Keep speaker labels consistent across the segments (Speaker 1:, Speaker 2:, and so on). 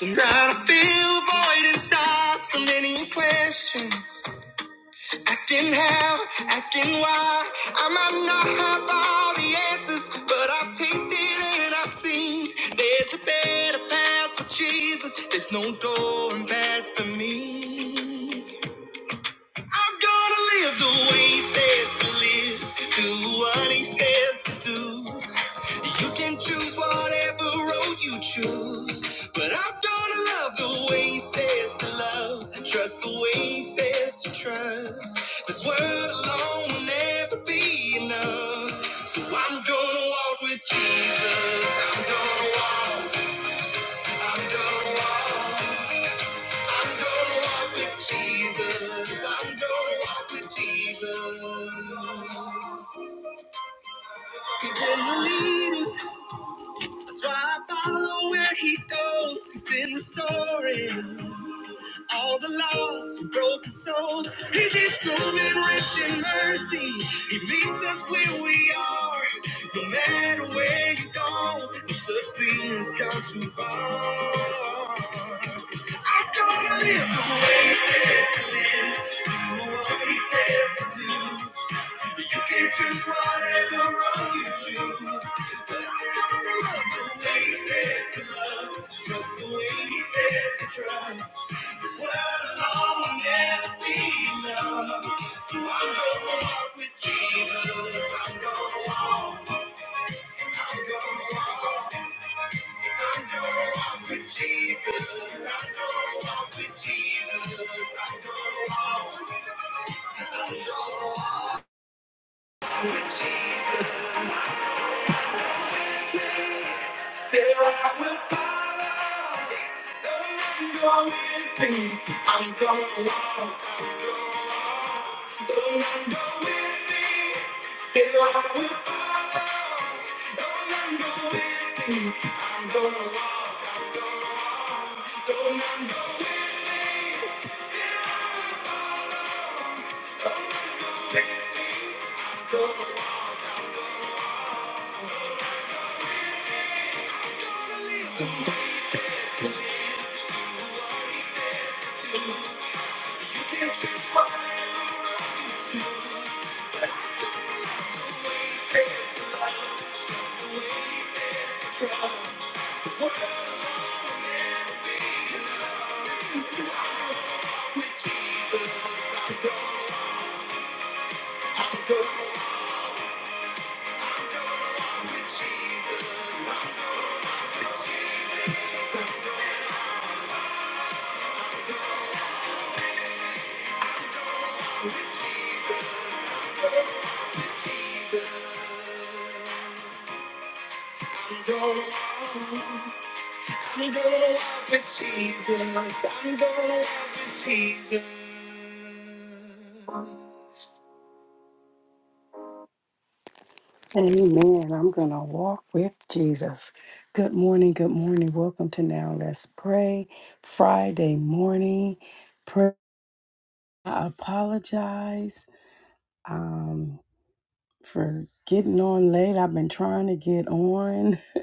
Speaker 1: Tonight I feel a void inside, so many questions. Asking how, asking why. I might not have all the answers, but I've tasted and I've seen. There's a better path for Jesus, there's no door in back for me. I'm gonna live the way he says to live, do what he says to do. You can choose whatever road you choose, but I'm gonna love the way he says to love, trust the way he says to trust. This word alone will never be enough, so I'm gonna walk with Jesus. I'm gonna walk. I'm gonna walk. I'm gonna walk with Jesus. I'm gonna walk with Jesus. He's in the leading. That's why I follow where he goes. He's in the story. all the lost and broken souls. He keeps moving rich in mercy. He meets us where we are. No matter where you go, no such thing as gone too far. I'm gonna live the way he says to live, do what he says to do. You can't choose what and the road you choose. But the way he says to love, just the way he says to trust. This world alone will never be enough. So I'm gonna walk with Jesus. I'm gonna walk. I'm gonna walk. I'm gonna walk with Jesus. I'm gonna walk with Jesus. I'm gonna walk. I'm gonna walk with Jesus. Still I will follow. Don't know with me. be. I'm gonna walk. I'm gonna walk. Don't let go with me. Still I will follow. Don't let go with me. I'm gonna walk. I'm gonna walk. Don't let go with me. Still I will follow. I'm gonna walk. do. You can choose whatever road you choose. I I'm gonna with Jesus, I'm going out with Jesus. Amen. I'm going to walk with Jesus. Good morning. Good morning. Welcome to Now Let's Pray Friday morning. Pray. I apologize um, for getting on late. I've been trying to get on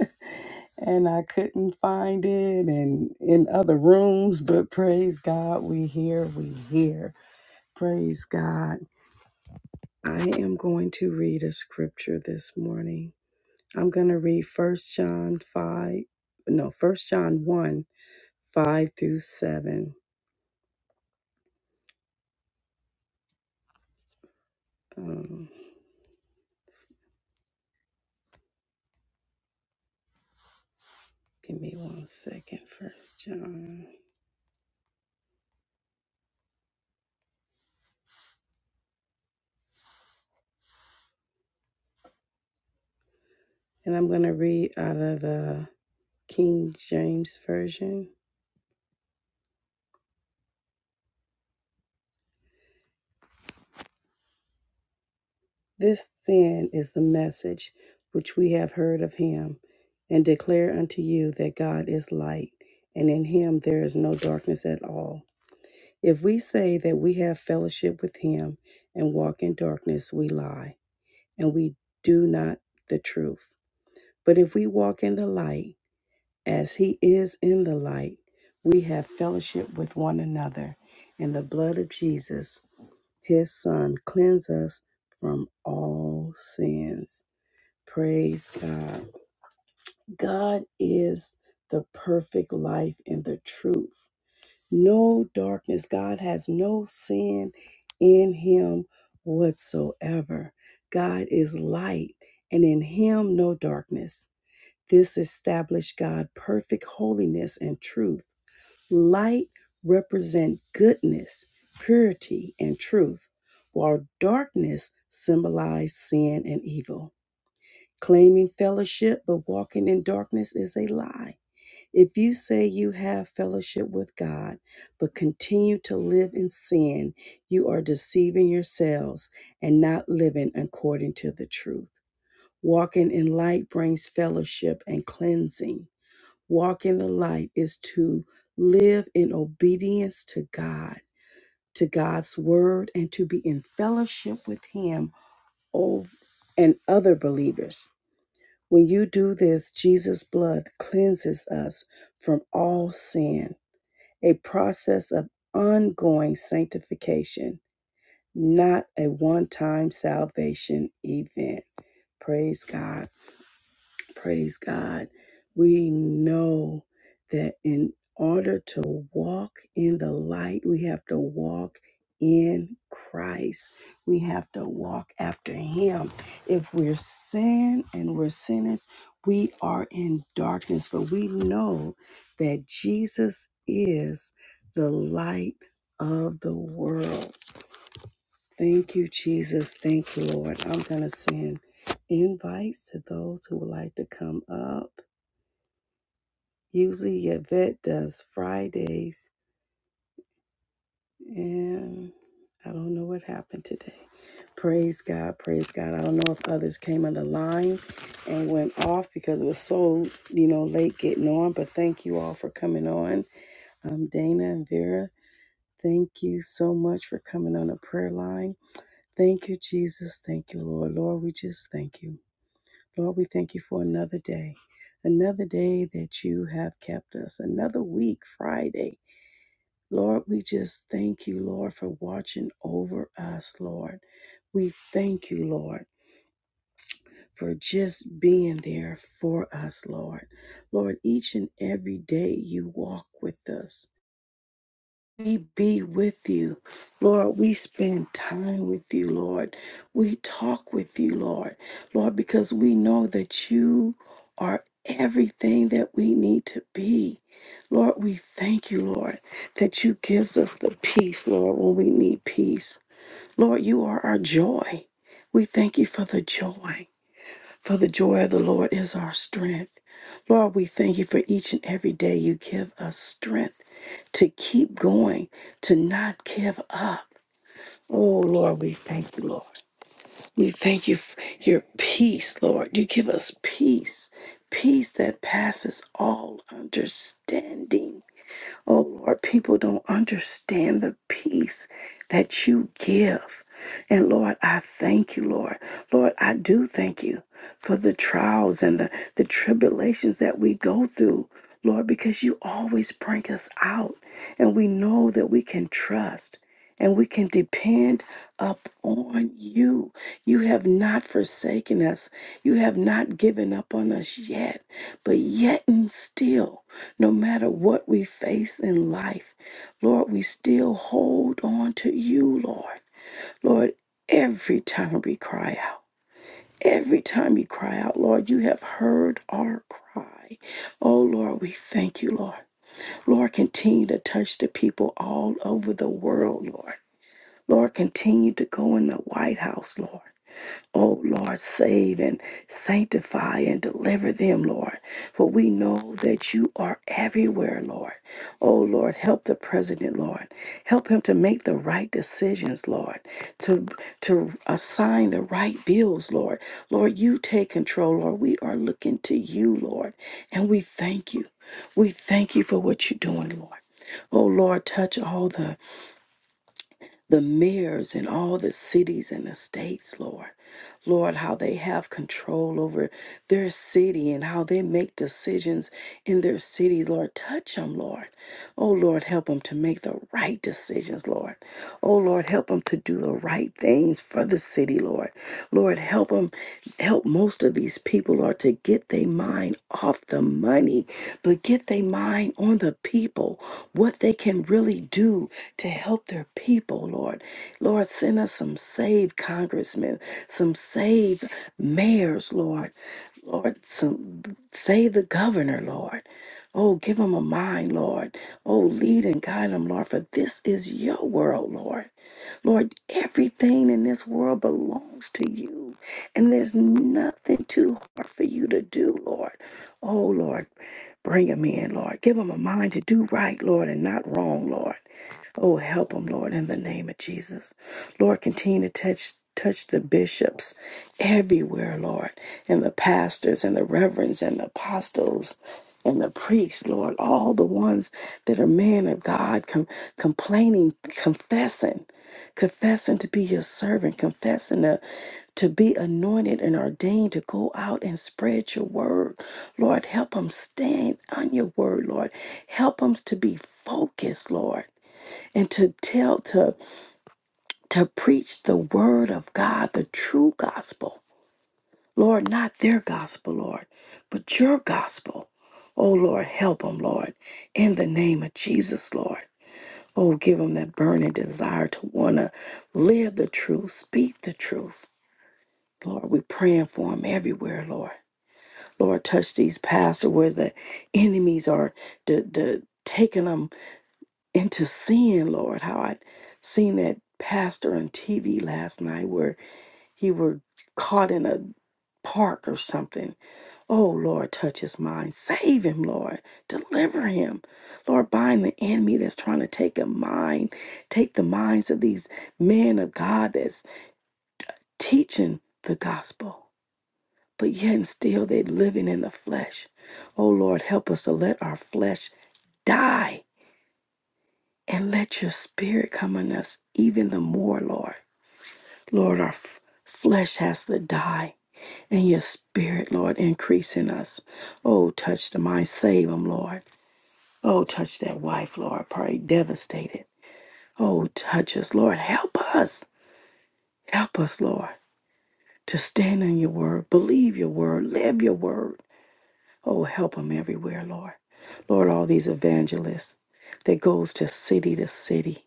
Speaker 1: and I couldn't find it and in other rooms, but praise God, we here, we here. Praise God. I am going to read a scripture this morning. I'm going to read First John 5, no, First John 1, 5 through 7. Um, give me one second, First John. And I'm going to read out of the King James Version. This then is the message which we have heard of him and declare unto you that God is light, and in him there is no darkness at all. If we say that we have fellowship with him and walk in darkness, we lie and we do not the truth. But if we walk in the light, as he is in the light, we have fellowship with one another, and the blood of Jesus, his son, cleanse us from all sins. Praise God. God is the perfect life and the truth no darkness. God has no sin in him whatsoever. God is light, and in him no darkness. This established God perfect holiness and truth. Light represent goodness, purity, and truth, while darkness symbolize sin and evil. Claiming fellowship but walking in darkness is a lie. If you say you have fellowship with God, but continue to live in sin, you are deceiving yourselves and not living according to the truth. Walking in light brings fellowship and cleansing. Walk in the light is to live in obedience to God, to God's word, and to be in fellowship with Him ov- and other believers. When you do this, Jesus' blood cleanses us from all sin a process of ongoing sanctification, not a one time salvation event. Praise God. Praise God. We know that in order to walk in the light, we have to walk in Christ. We have to walk after Him. If we're sin and we're sinners, we are in darkness, but we know that Jesus is the light of the world. Thank you, Jesus. Thank you, Lord. I'm going to send invites to those who would like to come up. Usually, Yvette does Fridays, and I don't know what happened today. Praise God. Praise God. I don't know if others came on the line and went off because it was so, you know, late getting on, but thank you all for coming on. Um, Dana and Vera, thank you so much for coming on the prayer line. Thank you, Jesus. Thank you, Lord. Lord, we just thank you. Lord, we thank you for another day, another day that you have kept us, another week, Friday. Lord, we just thank you, Lord, for watching over us, Lord. We thank you, Lord, for just being there for us, Lord. Lord, each and every day you walk with us. We be with you, Lord. We spend time with you, Lord. We talk with you, Lord. Lord, because we know that you are everything that we need to be. Lord, we thank you, Lord, that you gives us the peace, Lord, when we need peace. Lord, you are our joy. We thank you for the joy. For the joy of the Lord is our strength. Lord, we thank you for each and every day you give us strength to keep going, to not give up. Oh, Lord, we thank you, Lord. We thank you for your peace, Lord. You give us peace, peace that passes all understanding. Oh Lord, people don't understand the peace that you give. And Lord, I thank you, Lord. Lord, I do thank you for the trials and the, the tribulations that we go through, Lord, because you always bring us out. And we know that we can trust and we can depend upon you. You have not forsaken us, you have not given up on us yet, but yet and still. No matter what we face in life, Lord, we still hold on to you, Lord. Lord, every time we cry out, every time we cry out, Lord, you have heard our cry. Oh, Lord, we thank you, Lord. Lord, continue to touch the people all over the world, Lord. Lord, continue to go in the White House, Lord. Oh Lord, save and sanctify and deliver them, Lord. For we know that you are everywhere, Lord. Oh Lord, help the president, Lord. Help him to make the right decisions, Lord. To to assign the right bills, Lord. Lord, you take control, Lord. We are looking to you, Lord, and we thank you. We thank you for what you're doing, Lord. Oh Lord, touch all the the mayors in all the cities and the states, Lord. Lord, how they have control over their city and how they make decisions in their city, Lord. Touch them, Lord. Oh, Lord, help them to make the right decisions, Lord. Oh, Lord, help them to do the right things for the city, Lord. Lord, help them, help most of these people, Lord, to get their mind off the money, but get their mind on the people, what they can really do to help their people, Lord. Lord, send us some saved congressmen, some saved mayors, Lord. Lord, some save the governor, Lord. Oh, give them a mind, Lord. Oh, lead and guide them, Lord, for this is your world, Lord. Lord, everything in this world belongs to you, and there's nothing too hard for you to do, Lord. Oh, Lord, bring them in, Lord. Give them a mind to do right, Lord, and not wrong, Lord. Oh, help them, Lord, in the name of Jesus. Lord, continue to touch touch the bishops everywhere, Lord, and the pastors and the reverends and the apostles and the priests, Lord, all the ones that are men of God, com- complaining, confessing, confessing to be your servant, confessing to, to be anointed and ordained to go out and spread your word. Lord, help them stand on your word, Lord. Help them to be focused, Lord and to tell to to preach the word of God, the true gospel. Lord, not their gospel, Lord, but your gospel. Oh Lord, help them, Lord, in the name of Jesus, Lord. Oh, give them that burning desire to want to live the truth, speak the truth. Lord, we praying for them everywhere, Lord. Lord, touch these pastors where the enemies are d- d- taking them into sin, Lord. How I seen that pastor on TV last night where he were caught in a park or something. Oh Lord, touch his mind. Save him, Lord. Deliver him. Lord, bind the enemy that's trying to take a mind, take the minds of these men of God that's teaching the gospel. But yet and still they're living in the flesh. Oh Lord, help us to let our flesh die and let your spirit come on us even the more, Lord. Lord, our f- flesh has to die, and your spirit, Lord, increase in us. Oh, touch the mind, save them, Lord. Oh, touch that wife, Lord, probably devastated. Oh, touch us, Lord, help us. Help us, Lord, to stand on your word, believe your word, live your word. Oh, help them everywhere, Lord. Lord, all these evangelists that goes to city to city,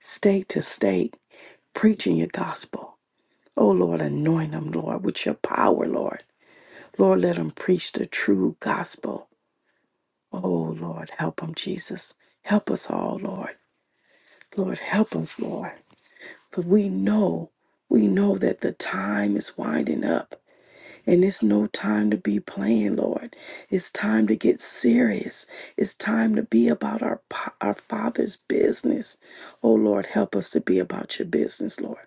Speaker 1: state to state, preaching your gospel. Oh Lord, anoint them, Lord, with your power, Lord. Lord, let them preach the true gospel. Oh Lord, help them, Jesus. Help us all, Lord. Lord, help us, Lord. For we know, we know that the time is winding up. And it's no time to be playing, Lord. It's time to get serious. It's time to be about our, pa- our Father's business. Oh, Lord, help us to be about your business, Lord.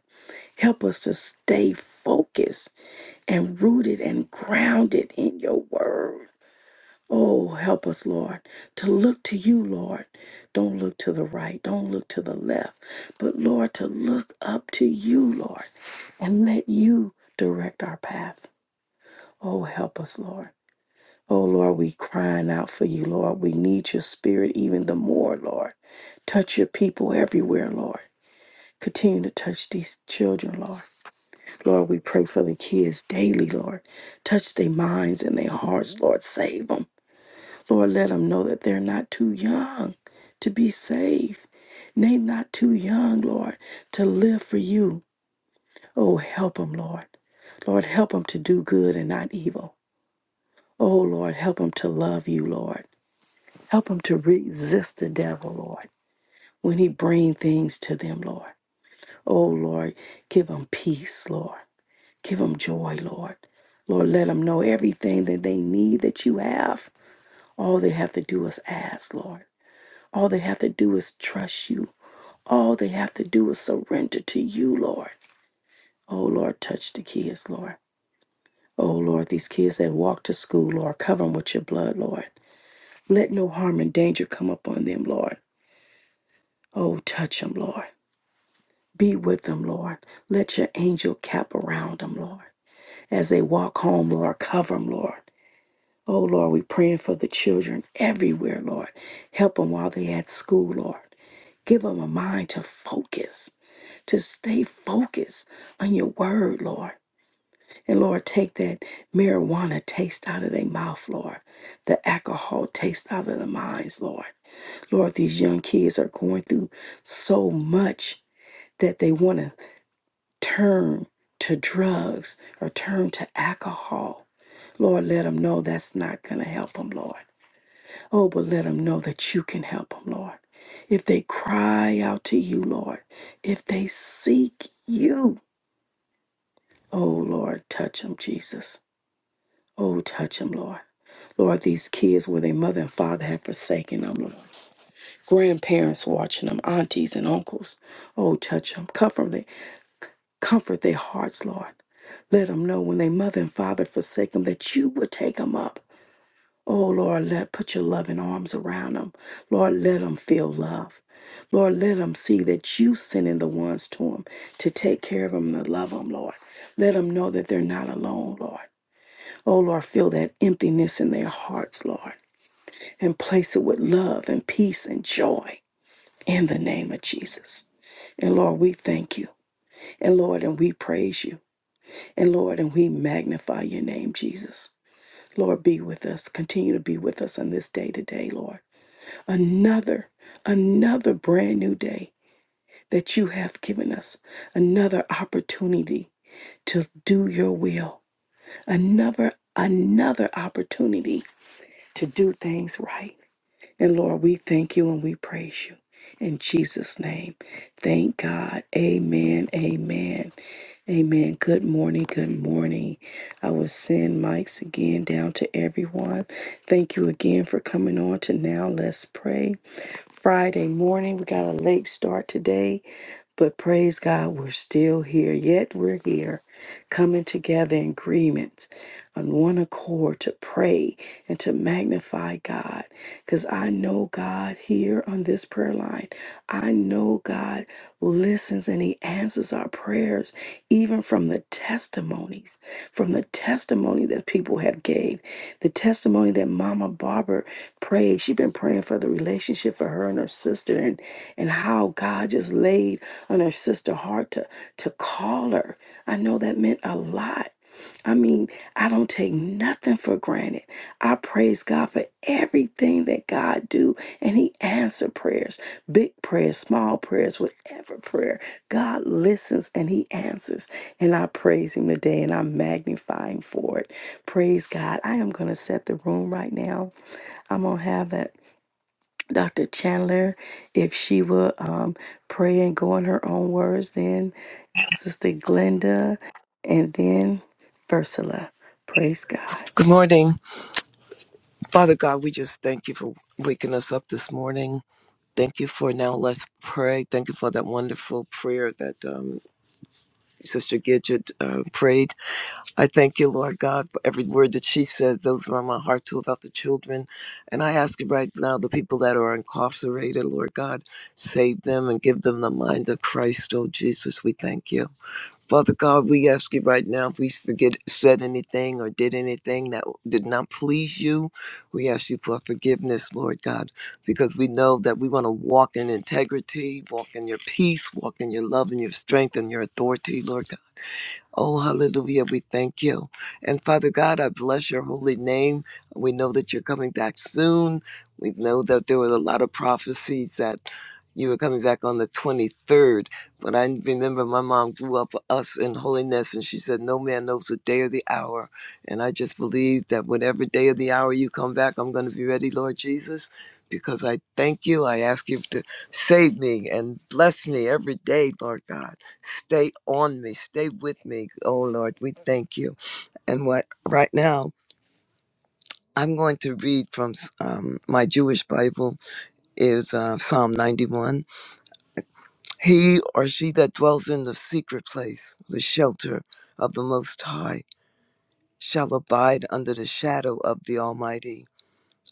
Speaker 1: Help us to stay focused and rooted and grounded in your word. Oh, help us, Lord, to look to you, Lord. Don't look to the right, don't look to the left, but Lord, to look up to you, Lord, and let you direct our path. Oh, help us, Lord. Oh, Lord, we crying out for you, Lord. We need your spirit even the more, Lord. Touch your people everywhere, Lord. Continue to touch these children, Lord. Lord, we pray for the kids daily, Lord. Touch their minds and their hearts, Lord. Save them. Lord, let them know that they're not too young to be saved. They're not too young, Lord, to live for you. Oh, help them, Lord. Lord, help them to do good and not evil. Oh, Lord, help them to love you, Lord. Help them to resist the devil, Lord, when he bring things to them, Lord. Oh, Lord, give them peace, Lord. Give them joy, Lord. Lord, let them know everything that they need that you have. All they have to do is ask, Lord. All they have to do is trust you. All they have to do is surrender to you, Lord. Oh, Lord, touch the kids, Lord. Oh, Lord, these kids that walk to school, Lord, cover them with your blood, Lord. Let no harm and danger come upon them, Lord. Oh, touch them, Lord. Be with them, Lord. Let your angel cap around them, Lord. As they walk home, Lord, cover them, Lord. Oh Lord, we're praying for the children everywhere, Lord. Help them while they're at school, Lord. Give them a mind to focus, to stay focused on your word, Lord. And Lord, take that marijuana taste out of their mouth, Lord. The alcohol taste out of their minds, Lord. Lord, these young kids are going through so much that they want to turn to drugs or turn to alcohol. Lord, let them know that's not going to help them, Lord. Oh, but let them know that you can help them, Lord. If they cry out to you, Lord, if they seek you, oh, Lord, touch them, Jesus. Oh, touch them, Lord. Lord, these kids where their mother and father have forsaken them, Lord. Grandparents watching them, aunties and uncles. Oh, touch them. Comfort, they, comfort their hearts, Lord. Let them know when their mother and father forsake them that you will take them up. Oh Lord, let put your loving arms around them. Lord, let them feel love. Lord, let them see that you sending the ones to them to take care of them and to love them, Lord. Let them know that they're not alone, Lord. Oh Lord, fill that emptiness in their hearts, Lord, and place it with love and peace and joy in the name of Jesus. And Lord, we thank you. And Lord, and we praise you. And Lord, and we magnify your name, Jesus. Lord, be with us. Continue to be with us on this day today, Lord. another, another brand new day that you have given us, another opportunity to do your will, another, another opportunity to do things right. And Lord, we thank you and we praise you. In Jesus' name. Thank God. Amen. Amen. Amen. Good morning. Good morning. I will send mics again down to everyone. Thank you again for coming on to Now Let's Pray. Friday morning, we got a late start today, but praise God, we're still here. Yet we're here coming together in agreement on one accord to pray and to magnify God. Because I know God here on this prayer line, I know God listens and He answers our prayers, even from the testimonies, from the testimony that people have gave, the testimony that Mama Barbara prayed. She's been praying for the relationship for her and her sister and, and how God just laid on her sister's heart to, to call her. I know that meant a lot. I mean, I don't take nothing for granted. I praise God for everything that God do and he answer prayers, big prayers, small prayers, whatever prayer. God listens and he answers. And I praise him today and I'm magnifying for it. Praise God. I am going to set the room right now. I'm going to have that Dr. Chandler, if she will um, pray and go in her own words, then Sister Glenda, and then Ursula. Praise God.
Speaker 2: Good morning. Father God, we just thank you for waking us up this morning. Thank you for now let's pray. Thank you for that wonderful prayer that um, Sister Gidget uh, prayed. I thank you, Lord God, for every word that she said. Those were on my heart too about the children. And I ask you right now, the people that are incarcerated, Lord God, save them and give them the mind of Christ, oh Jesus, we thank you. Father God, we ask you right now if we forget said anything or did anything that did not please you, we ask you for forgiveness, Lord God, because we know that we want to walk in integrity, walk in your peace, walk in your love and your strength and your authority, Lord God. Oh, hallelujah. We thank you. And Father God, I bless your holy name. We know that you're coming back soon. We know that there were a lot of prophecies that you were coming back on the 23rd. But I remember my mom grew up with us in holiness, and she said, No man knows the day or the hour. And I just believe that whatever day or the hour you come back, I'm going to be ready, Lord Jesus, because I thank you. I ask you to save me and bless me every day, Lord God. Stay on me. Stay with me. Oh Lord, we thank you. And what right now I'm going to read from um, my Jewish Bible is uh, Psalm 91. He or she that dwells in the secret place, the shelter of the Most High, shall abide under the shadow of the Almighty.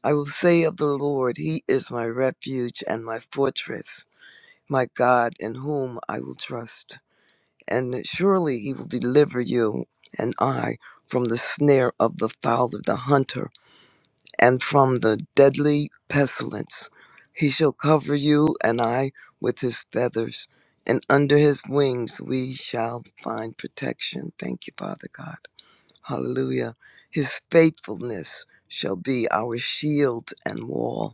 Speaker 2: I will say of the Lord, He is my refuge and my fortress, my God in whom I will trust. and surely he will deliver you and I from the snare of the fowl of the hunter and from the deadly pestilence. He shall cover you and I with his feathers, and under his wings we shall find protection. Thank you, Father God. Hallelujah. His faithfulness shall be our shield and wall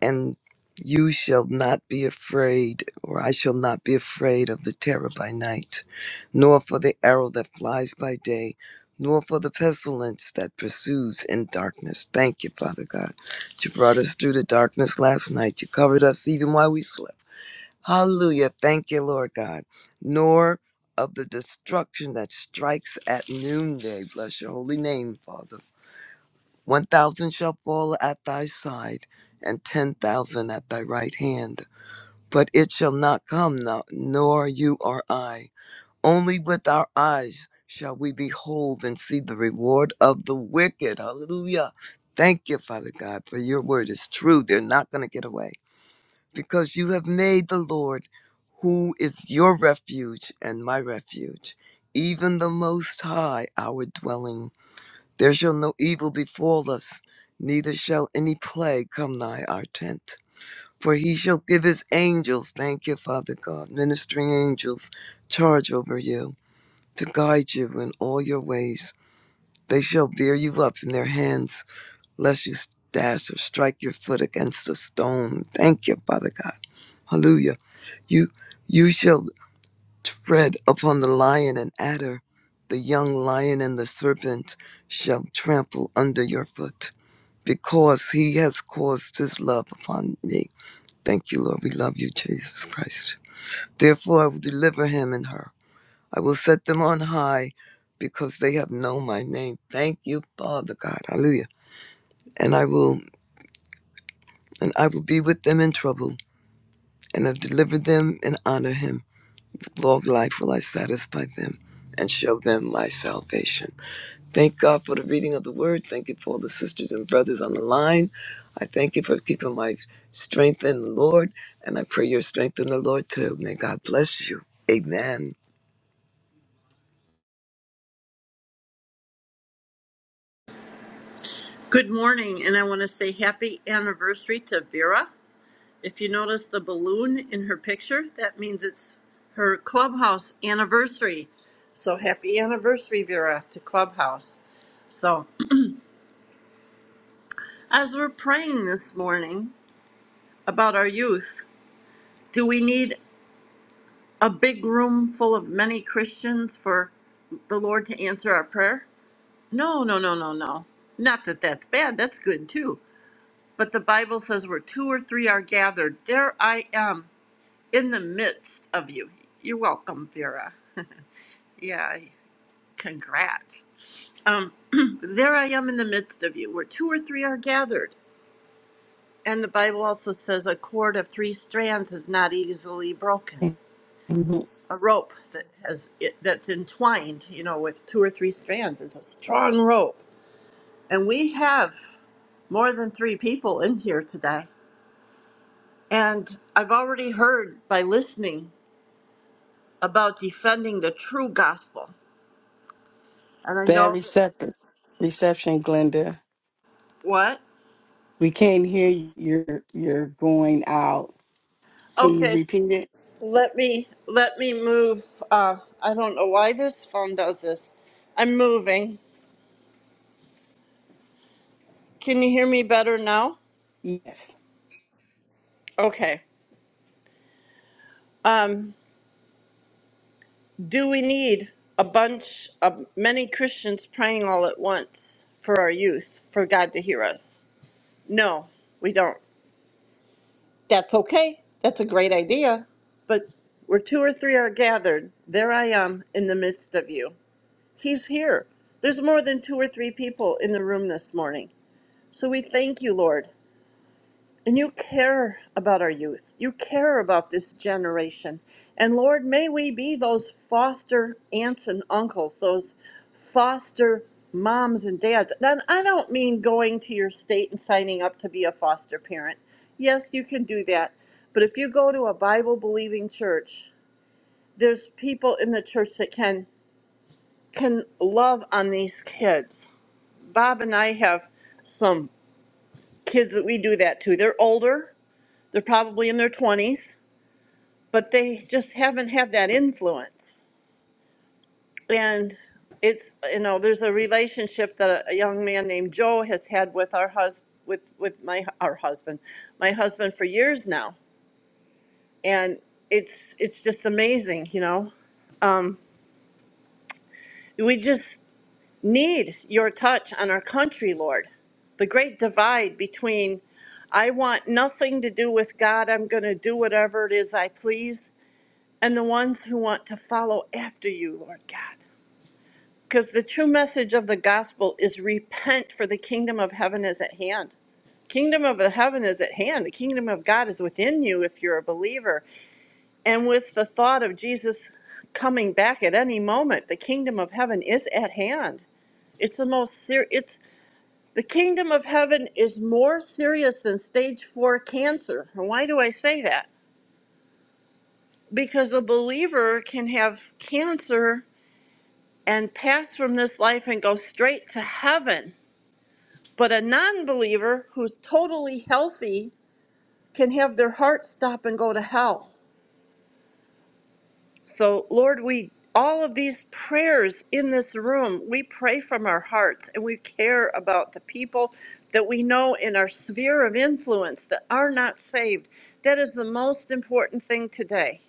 Speaker 2: and you shall not be afraid, or I shall not be afraid of the terror by night, nor for the arrow that flies by day, nor for the pestilence that pursues in darkness. Thank you, Father God. You brought us through the darkness last night. You covered us even while we slept. Hallelujah. Thank you, Lord God. Nor of the destruction that strikes at noonday. Bless your holy name, Father. One thousand shall fall at thy side, and ten thousand at thy right hand. But it shall not come, now, nor you or I. Only with our eyes shall we behold and see the reward of the wicked. Hallelujah. Thank you, Father God, for your word is true. They're not going to get away because you have made the Lord, who is your refuge and my refuge, even the Most High, our dwelling there shall no evil befall us, neither shall any plague come nigh our tent. For he shall give his angels, thank you, Father God, ministering angels, charge over you to guide you in all your ways. They shall bear you up in their hands, lest you dash or strike your foot against a stone. Thank you, Father God. Hallelujah. You you shall tread upon the lion and adder, the young lion and the serpent shall trample under your foot because he has caused his love upon me. Thank you, Lord. We love you, Jesus Christ. Therefore, I will deliver him and her. I will set them on high because they have known my name. Thank you, Father God. Hallelujah. And I will and I will be with them in trouble and have delivered them and honor him. With long life will I satisfy them and show them my salvation. Thank God for the reading of the word. Thank you for all the sisters and brothers on the line. I thank you for keeping my strength in the Lord, and I pray your strength in the Lord too. May God bless you. Amen.
Speaker 3: Good morning, and I want to say happy anniversary to Vera. If you notice the balloon in her picture, that means it's her clubhouse anniversary. So happy anniversary, Vera, to Clubhouse. So, as we're praying this morning about our youth, do we need a big room full of many Christians for the Lord to answer our prayer? No, no, no, no, no. Not that that's bad, that's good too. But the Bible says where two or three are gathered, there I am in the midst of you. You're welcome, Vera. Yeah, congrats. Um, there I am in the midst of you, where two or three are gathered. And the Bible also says a cord of three strands is not easily broken. A rope that has it, that's entwined, you know, with two or three strands is a strong rope. And we have more than three people in here today. And I've already heard by listening about defending the true gospel. And I
Speaker 1: Bad
Speaker 3: know that,
Speaker 1: reception, reception, Glenda.
Speaker 3: what?
Speaker 1: We can't hear you. You're you're going out. Can you
Speaker 3: Okay,
Speaker 1: repeat it?
Speaker 3: let me let me move. Uh, I don't know why this phone does this. I'm moving. Can you hear me better now?
Speaker 1: Yes.
Speaker 3: Okay. Um, do we need a bunch of many Christians praying all at once for our youth for God to hear us? No, we don't. That's okay. That's a great idea. But where two or three are gathered, there I am in the midst of you. He's here. There's more than two or three people in the room this morning. So we thank you, Lord. And you care about our youth. You care about this generation. And Lord, may we be those foster aunts and uncles, those foster moms and dads. And I don't mean going to your state and signing up to be a foster parent. Yes, you can do that. But if you go to a Bible believing church, there's people in the church that can can love on these kids. Bob and I have some kids that we do that to. They're older, they're probably in their 20s, but they just haven't had that influence. And it's you know, there's a relationship that a young man named Joe has had with our hus with with my our husband, my husband for years now, and it's it's just amazing, you know. Um, we just need your touch on our country, Lord. The great divide between I want nothing to do with God. I'm going to do whatever it is I please and the ones who want to follow after you, Lord God. Because the true message of the gospel is repent, for the kingdom of heaven is at hand. Kingdom of heaven is at hand. The kingdom of God is within you if you're a believer. And with the thought of Jesus coming back at any moment, the kingdom of heaven is at hand. It's the most serious. It's the kingdom of heaven is more serious than stage four cancer. And why do I say that? Because a believer can have cancer and pass from this life and go straight to heaven. But a non believer who's totally healthy can have their heart stop and go to hell. So, Lord, we all of these prayers in this room, we pray from our hearts and we care about the people that we know in our sphere of influence that are not saved. That is the most important thing today.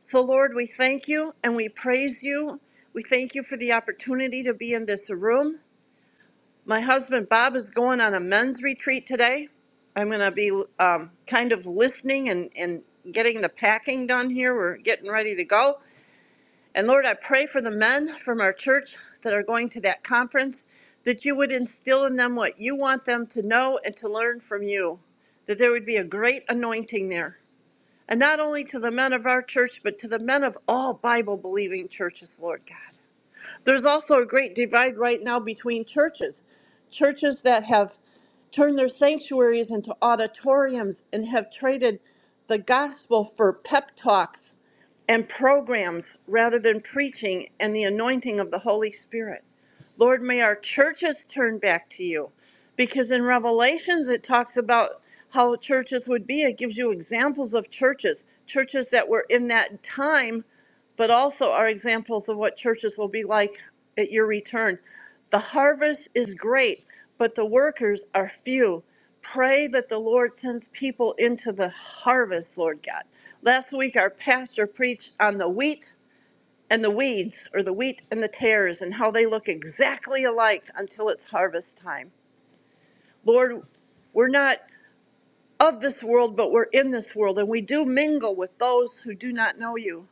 Speaker 3: So, Lord, we thank you and we praise you. We thank you for the opportunity to be in this room. My husband Bob is going on a men's retreat today. I'm going to be um, kind of listening and, and getting the packing done here. We're getting ready to go. And Lord, I pray for the men from our church that are going to that conference that you would instill in them what you want them to know and to learn from you, that there would be a great anointing there. And not only to the men of our church, but to the men of all Bible believing churches, Lord God. There's also a great divide right now between churches. Churches that have turned their sanctuaries into auditoriums and have traded the gospel for pep talks and programs rather than preaching and the anointing of the Holy Spirit. Lord, may our churches turn back to you. Because in Revelations, it talks about how churches would be. It gives you examples of churches, churches that were in that time but also are examples of what churches will be like at your return. The harvest is great, but the workers are few. Pray that the Lord sends people into the harvest, Lord God. Last week, our pastor preached on the wheat and the weeds, or the wheat and the tares, and how they look exactly alike until it's harvest time. Lord, we're not of this world, but we're in this world, and we do mingle with those who do not know you.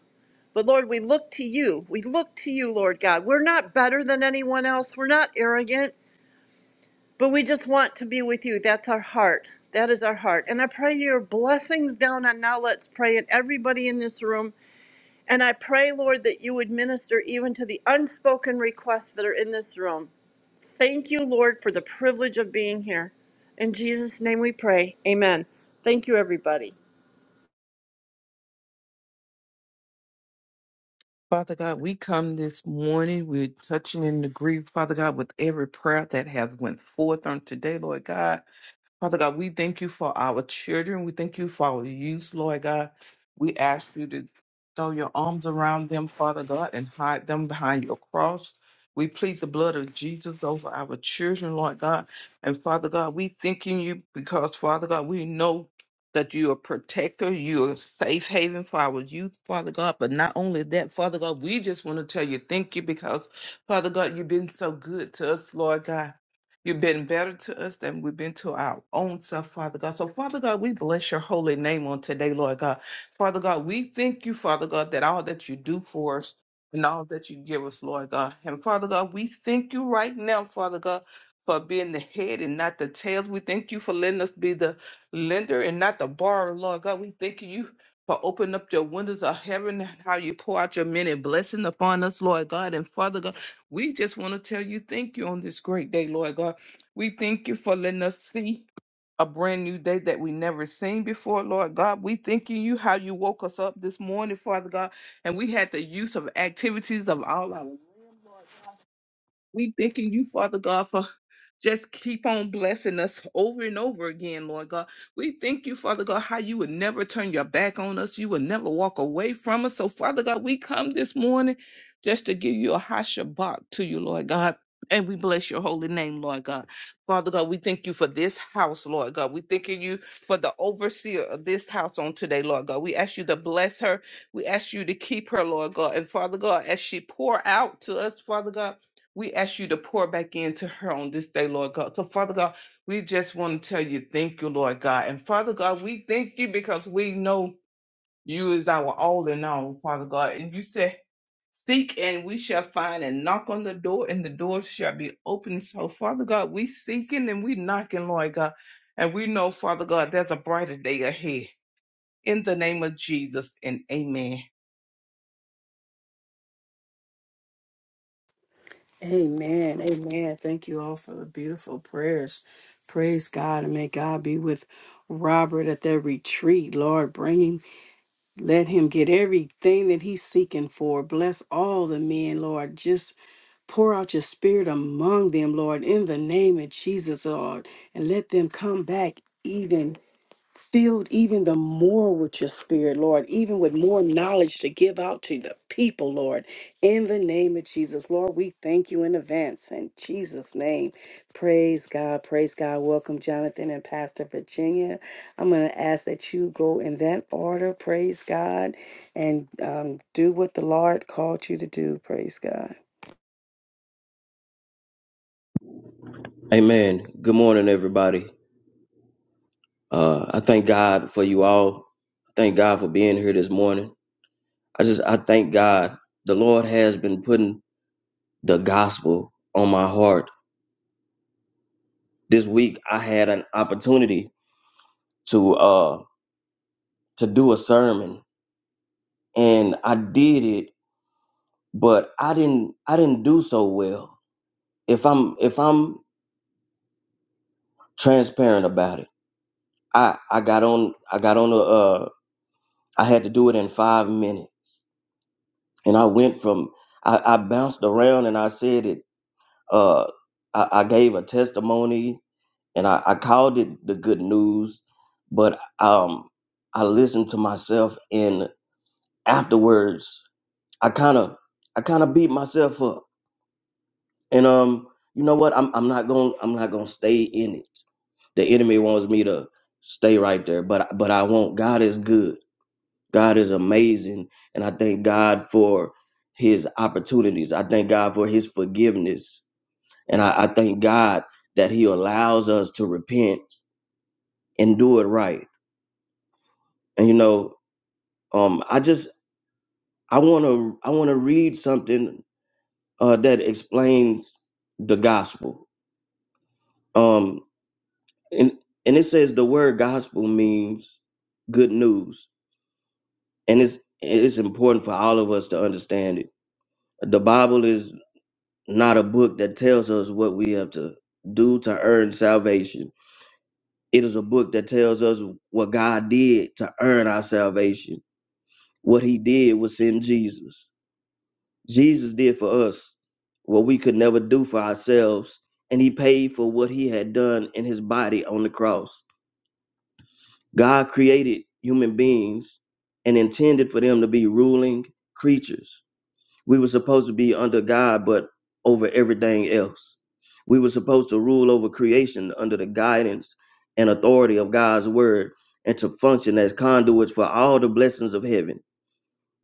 Speaker 3: But Lord, we look to you. We look to you, Lord God. We're not better than anyone else. We're not arrogant, but we just want to be with you. That's our heart. That is our heart. And I pray your blessings down on now let's pray and everybody in this room. And I pray, Lord, that you would minister even to the unspoken requests that are in this room. Thank you, Lord, for the privilege of being here. In Jesus' name we pray. Amen. Thank you, everybody.
Speaker 4: Father God, we come this morning. We're touching and agree, Father God, with every prayer that has went forth on today, Lord God. Father God, we thank you for our children. We thank you for our youth, Lord God. We ask you to throw your arms around them, Father God, and hide them behind your cross. We plead the blood of Jesus over our children, Lord God. And Father God, we thanking you because, Father God, we know that you're a protector, you're a safe haven for our youth, Father God. But not only that, Father God, we just want to tell you thank you because, Father God, you've been so good to us, Lord God. You've been better to us than we've been to our own self, Father God. So, Father God, we bless your holy name on today, Lord God. Father God, we thank you, Father God, that all that you do for us and all that you give us, Lord God. And Father God, we thank you right now, Father God, for being the head and not the tails. We thank you for letting us be the lender and not the borrower, Lord God. We thank you for opening up your windows of heaven and how you pour out your many blessings upon us, Lord God. And Father God, we just want to tell you thank you on this great day, Lord God. We thank you for letting us see a brand new day that we never seen before, Lord God. We thanking you how you woke us up this morning, Father God, and we had the use of activities of all our we thanking you, Father God, for just keep on blessing us over and over again, Lord God. We thank you, Father God, how you would never turn your back on us. You would never walk away from us. So, Father God, we come this morning just to give you a high shabbat to you, Lord God. And we bless your holy name, Lord God. Father God, we thank you for this house, Lord God. We thanking you for the overseer of this house on today, Lord God. We ask you to bless her. We ask you to keep her, Lord God. And Father God, as she pour out to us, Father God. We ask you to pour back into her on this day, Lord God. So, Father God, we just want to tell you thank you, Lord God. And Father God, we thank you because we know you is our all in all, Father God. And you said, Seek and we shall find, and knock on the door, and the door shall be open. So, Father God, we seeking and we knocking, Lord God. And we know, Father God, there's a brighter day ahead. In the name of Jesus and amen.
Speaker 1: Amen. Amen. Thank you all for the beautiful prayers. Praise God and may God be with Robert at that retreat. Lord, bring him. Let him get everything that he's seeking for. Bless all the men, Lord. Just pour out your spirit among them, Lord, in the name of Jesus, Lord, and let them come back even filled even the more with your spirit, Lord, even with more knowledge to give out to the people, Lord. In the name of Jesus, Lord, we thank you in advance. In Jesus' name, praise God, praise God. Welcome, Jonathan and Pastor Virginia. I'm going to ask that you go in that order, praise God, and um, do what the Lord called you to do, praise God.
Speaker 5: Amen. Good morning, everybody. Uh, I thank God for you all. Thank God for being here this morning. I just, I thank God. The Lord has been putting the gospel on my heart. This week, I had an opportunity to, uh, to do a sermon and I did it, but I didn't, I didn't do so well. If I'm, if I'm transparent about it, I, I got on, I got on a, uh, I had to do it in five minutes and I went from I, I bounced around and I said it. Uh, I, I gave a testimony and I, I called it the good news, but um, I listened to myself and afterwards I kind of I kind of beat myself up and um you know what I'm I'm not going to I'm not going to stay in it. The enemy wants me to stay right there, but but I won't. God is good. God is amazing. And I thank God for his opportunities. I thank God for his forgiveness. And I, I thank God that he allows us to repent and do it right. And you know, um, I just I wanna I wanna read something uh that explains the gospel. Um and and it says the word gospel means good news. And it's it's important for all of us to understand it. The Bible is not a book that tells us what we have to do to earn salvation. It is a book that tells us what God did to earn our salvation. What he did was send Jesus. Jesus did for us what we could never do for ourselves, and he paid for what he had done in his body on the cross. God created human beings and intended for them to be ruling creatures We were supposed to be under God, but over everything else. We were supposed to rule over creation under the guidance and authority of God's word and to function as conduits for all the blessings of heaven.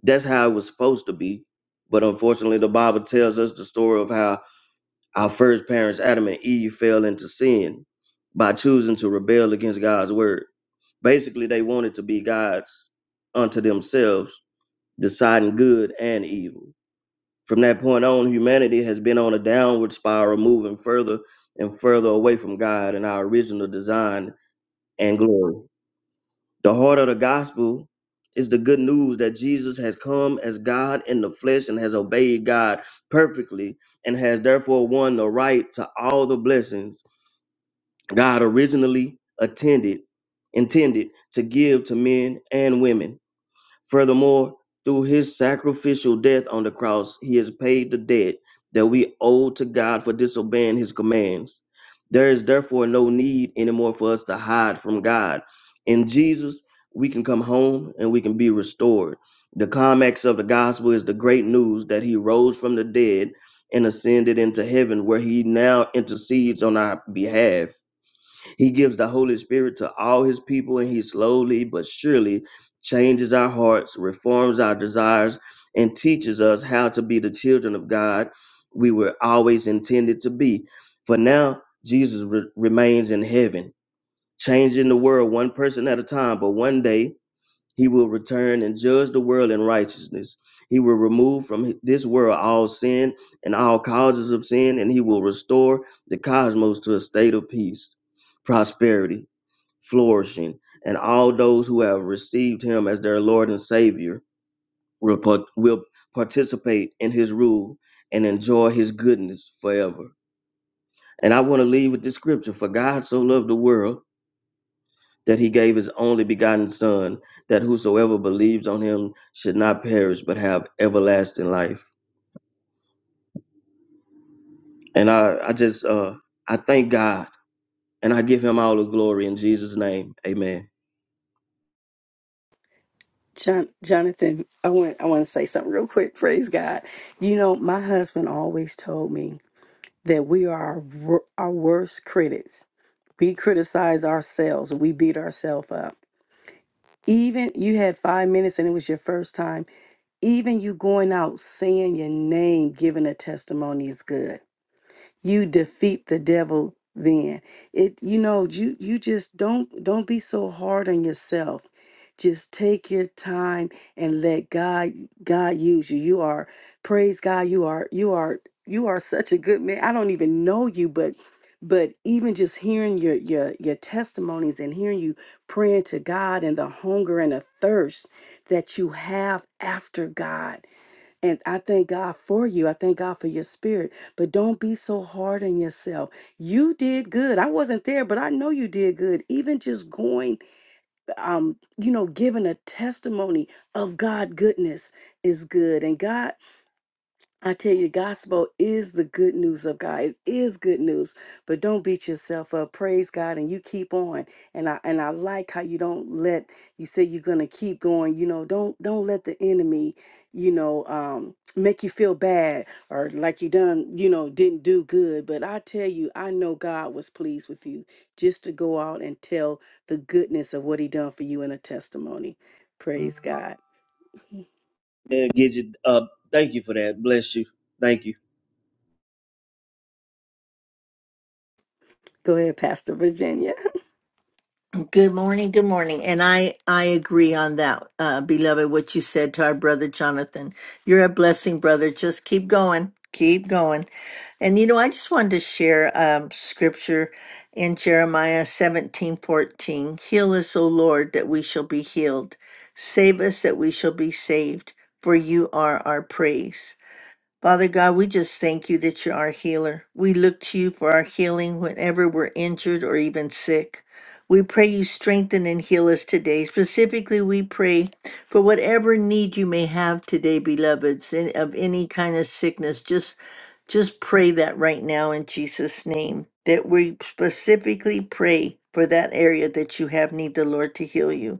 Speaker 5: That's how it was supposed to be. But unfortunately, the Bible tells us the story of how our first parents, Adam and Eve, fell into sin by choosing to rebel against God's word. Basically, they wanted to be gods unto themselves, deciding good and evil. From that point on, humanity has been on a downward spiral, moving further and further away from God and our original design and glory. The heart of the gospel is the good news that Jesus has come as God in the flesh and has obeyed God perfectly and has therefore won the right to all the blessings God originally attended intended to give to men and women. Furthermore, through his sacrificial death on the cross, he has paid the debt that we owe to God for disobeying his commands. There is therefore no need anymore for us to hide from God. In Jesus, we can come home and we can be restored. The climax of the gospel is the great news that he rose from the dead and ascended into heaven, where he now intercedes on our behalf. He gives the Holy Spirit to all his people, and he slowly but surely changes our hearts, reforms our desires, and teaches us how to be the children of God we were always intended to be. For now, Jesus re- remains in heaven, changing the world one person at a time, but one day he will return and judge the world in righteousness. He will remove from this world all sin and all causes of sin, and he will restore the cosmos to a state of peace, prosperity, flourishing, and all those who have received him as their Lord and Savior will, par- will participate in his rule and enjoy his goodness forever. And I want to leave with this scripture For God so loved the world that he gave his only begotten Son, that whosoever believes on him should not perish but have everlasting life. And I, I just uh I thank God and I give him all the glory in Jesus' name. Amen.
Speaker 1: John, Jonathan, I want I want to say something real quick. Praise God. You know, my husband always told me that we are our wor- our worst critics. We criticize ourselves. We beat ourselves up. Even you had five minutes and it was your first time. Even you going out saying your name, giving a testimony is good you defeat the devil then it you know you you just don't don't be so hard on yourself just take your time and let god god use you you are praise god you are you are you are such a good man i don't even know you but but even just hearing your your your testimonies and hearing you praying to god and the hunger and the thirst that you have after god and I thank God for you. I thank God for your spirit. But don't be so hard on yourself. You did good. I wasn't there, but I know you did good. Even just going, um, you know, giving a testimony of God goodness is good. And God I tell you, the gospel is the good news of God. It is good news, but don't beat yourself up. Praise God, and you keep on. And I and I like how you don't let you say you're gonna keep going. You know, don't don't let the enemy, you know, um, make you feel bad or like you done, you know, didn't do good. But I tell you, I know God was pleased with you just to go out and tell the goodness of what He done for you in a testimony. Praise God.
Speaker 5: Yeah, Gidget, uh thank you for that. Bless you. Thank you.
Speaker 1: Go ahead, Pastor Virginia.
Speaker 6: Good morning, good morning. And I I agree on that, uh, beloved, what you said to our brother Jonathan. You're a blessing, brother. Just keep going. Keep going. And you know, I just wanted to share um scripture in Jeremiah seventeen fourteen. Heal us, O Lord, that we shall be healed. Save us that we shall be saved, for you are our praise. Father God, we just thank you that you're our healer. We look to you for our healing whenever we're injured or even sick. We pray you strengthen and heal us today. Specifically, we pray for whatever need you may have today, beloveds, in, of any kind of sickness. Just, just pray that right now in Jesus' name. That we specifically pray for that area that you have need the Lord to heal you.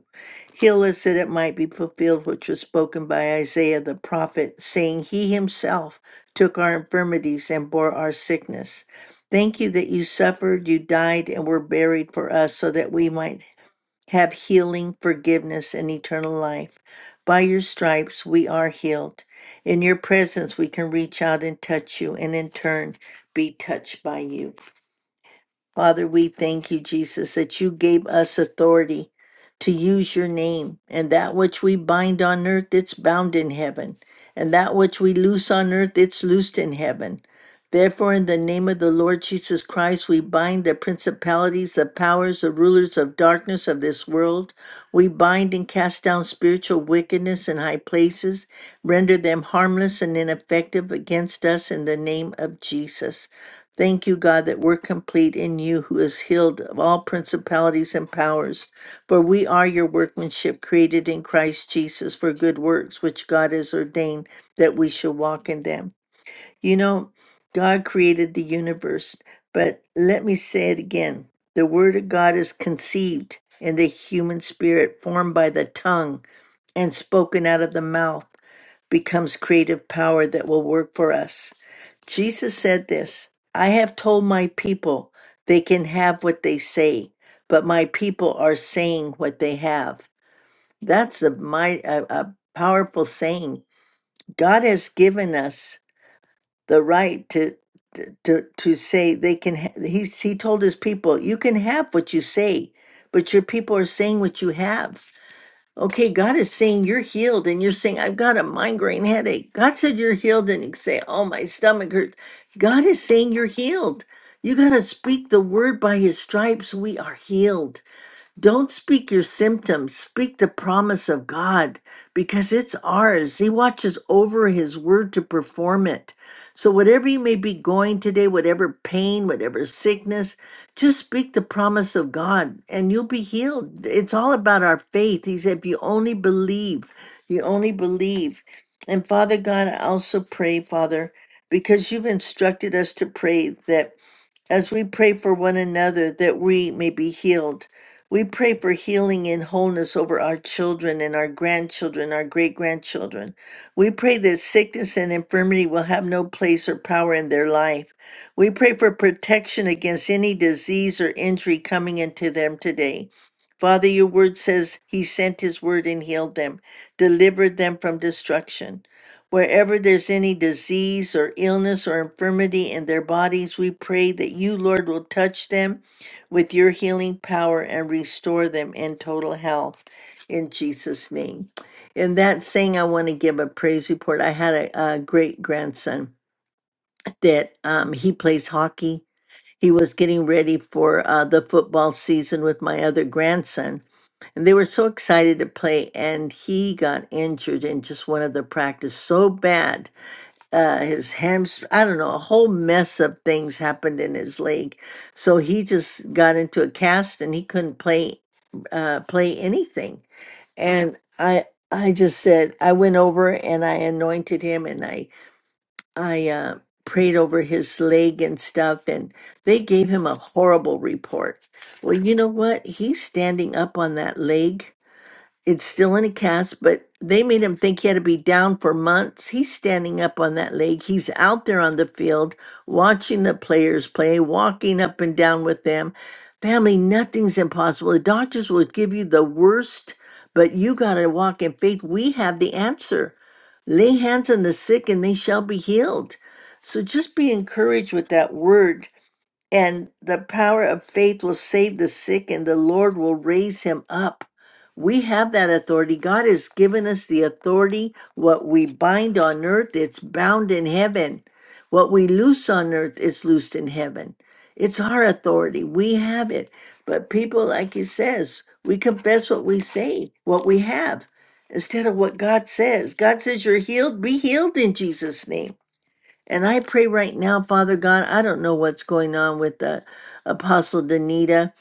Speaker 6: Heal us that it might be fulfilled which was spoken by Isaiah the prophet, saying, He himself took our infirmities and bore our sickness. Thank you that you suffered, you died, and were buried for us, so that we might have healing, forgiveness, and eternal life. By your stripes we are healed. In your presence we can reach out and touch you, and in turn be touched by you. Father, we thank you, Jesus, that you gave us authority to use your name, and that which we bind on earth, it's bound in heaven, and that which we loose on earth, it's loosed in heaven. Therefore, in the name of the Lord Jesus Christ, we bind the principalities, the powers, the rulers of darkness of this world. We bind and cast down spiritual wickedness in high places, render them harmless and ineffective against us in the name of Jesus. Thank you, God, that we're complete in you who is healed of all principalities and powers. For we are your workmanship created in Christ Jesus for good works, which God has ordained that we shall walk in them. You know, God created the universe, but let me say it again. The word of God is conceived in the human spirit, formed by the tongue and spoken out of the mouth, becomes creative power that will work for us. Jesus said this I have told my people they can have what they say, but my people are saying what they have. That's a, my, a, a powerful saying. God has given us the right to. To, to say they can ha- he he told his people you can have what you say but your people are saying what you have Okay, God is saying you're healed, and you're saying, I've got a migraine headache. God said you're healed, and you say, Oh, my stomach hurts. God is saying you're healed. You got to speak the word by his stripes. We are healed. Don't speak your symptoms, speak the promise of God because it's ours. He watches over His word to perform it. So, whatever you may be going today, whatever pain, whatever sickness, just speak the promise of God and you'll be healed. It's all about our faith. He said, if you only believe, you only believe. And Father God, I also pray, Father, because you've instructed us to pray that as we pray for one another that we may be healed, we pray for healing and wholeness over our children and our grandchildren, our great grandchildren. We pray that sickness and infirmity will have no place or power in their life. We pray for protection against any disease or injury coming into them today. Father, your word says he sent his word and healed them, delivered them from destruction. Wherever there's any disease or illness or infirmity in their bodies, we pray that you, Lord, will touch them with your healing power and restore them in total health in Jesus' name. In that saying, I want to give a praise report. I had a, a great grandson that um, he plays hockey. He was getting ready for uh, the football season with my other grandson, and they were so excited to play. And he got injured in just one of the practice so bad uh his hamstring i don't know a whole mess of things happened in his leg so he just got into a cast and he couldn't play uh play anything and i i just said i went over and i anointed him and i i uh prayed over his leg and stuff and they gave him a horrible report well you know what he's standing up on that leg it's still in a cast, but they made him think he had to be down for months. He's standing up on that leg. He's out there on the field watching the players play, walking up and down with them. Family, nothing's impossible. The doctors will give you the worst, but you got to walk in faith. We have the answer. Lay hands on the sick and they shall be healed. So just be encouraged with that word and the power of faith will save the sick, and the Lord will raise him up. We have that authority. God has given us the authority. What we bind on earth, it's bound in heaven. What we loose on earth is loosed in heaven. It's our authority. We have it. But people, like he says, we confess what we say, what we have, instead of what God says. God says, You're healed, be healed in Jesus' name. And I pray right now, Father God, I don't know what's going on with the Apostle Danita,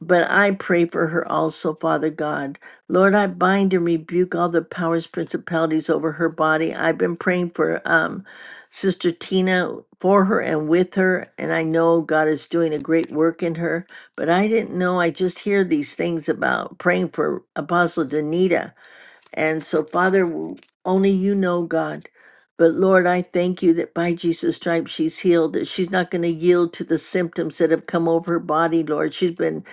Speaker 6: but I pray for her also, Father God. Lord, I bind and rebuke all the powers, principalities over her body. I've been praying for um, Sister Tina for her and with her, and I know God is doing a great work in her, but I didn't know. I just hear these things about praying for Apostle Danita and so, Father, only you know, God. But Lord, I thank you that by Jesus' stripes she's healed, that she's not going to yield to the symptoms that have come over her body, Lord. She's been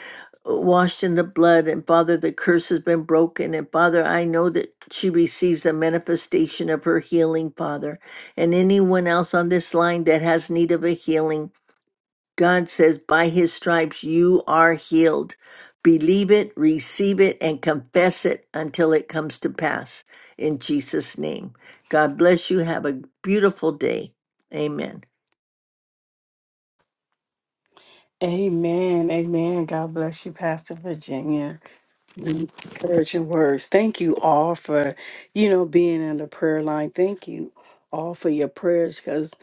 Speaker 6: uh, washed in the blood, and Father, the curse has been broken. And Father, I know that she receives a manifestation of her healing, Father. And anyone else on this line that has need of a healing, God says, by his stripes you are healed. Believe it, receive it, and confess it until it comes to pass. In Jesus' name. God bless you. Have a beautiful day. Amen.
Speaker 1: Amen. Amen. God bless you, Pastor Virginia. Encouraging words. Thank you all for, you know, being on the prayer line. Thank you all for your prayers because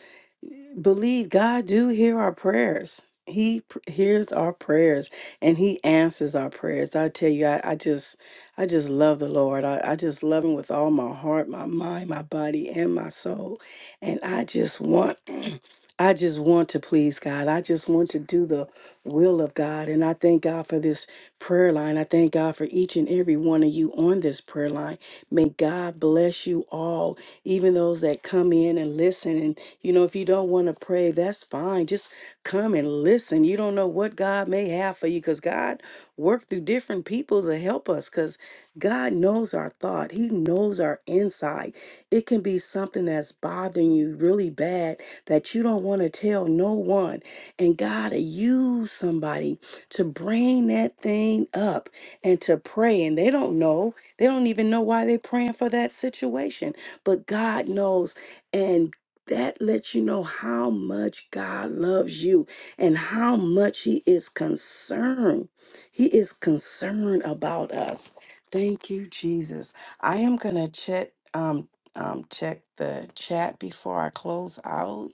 Speaker 1: believe God do hear our prayers. He pr- hears our prayers and he answers our prayers. I tell you, I, I just I just love the Lord. I, I just love him with all my heart, my mind, my body, and my soul. And I just want I just want to please God. I just want to do the will of God. And I thank God for this prayer line. I thank God for each and every one of you on this prayer line. May God bless you all, even those that come in and listen. And, you know, if you don't want to pray, that's fine. Just come and listen. You don't know what God may have for you because God worked through different people to help us because God knows our thought, He knows our inside. It can be something that's bothering you really bad that you don't want to tell no one. And God will use somebody to bring that thing up and to pray. And they don't know. They don't even know why they're praying for that situation. But God knows. And that lets you know how much God loves you and how much He is concerned. He is concerned about us. Thank you, Jesus. I am gonna check um um check the chat before I close out.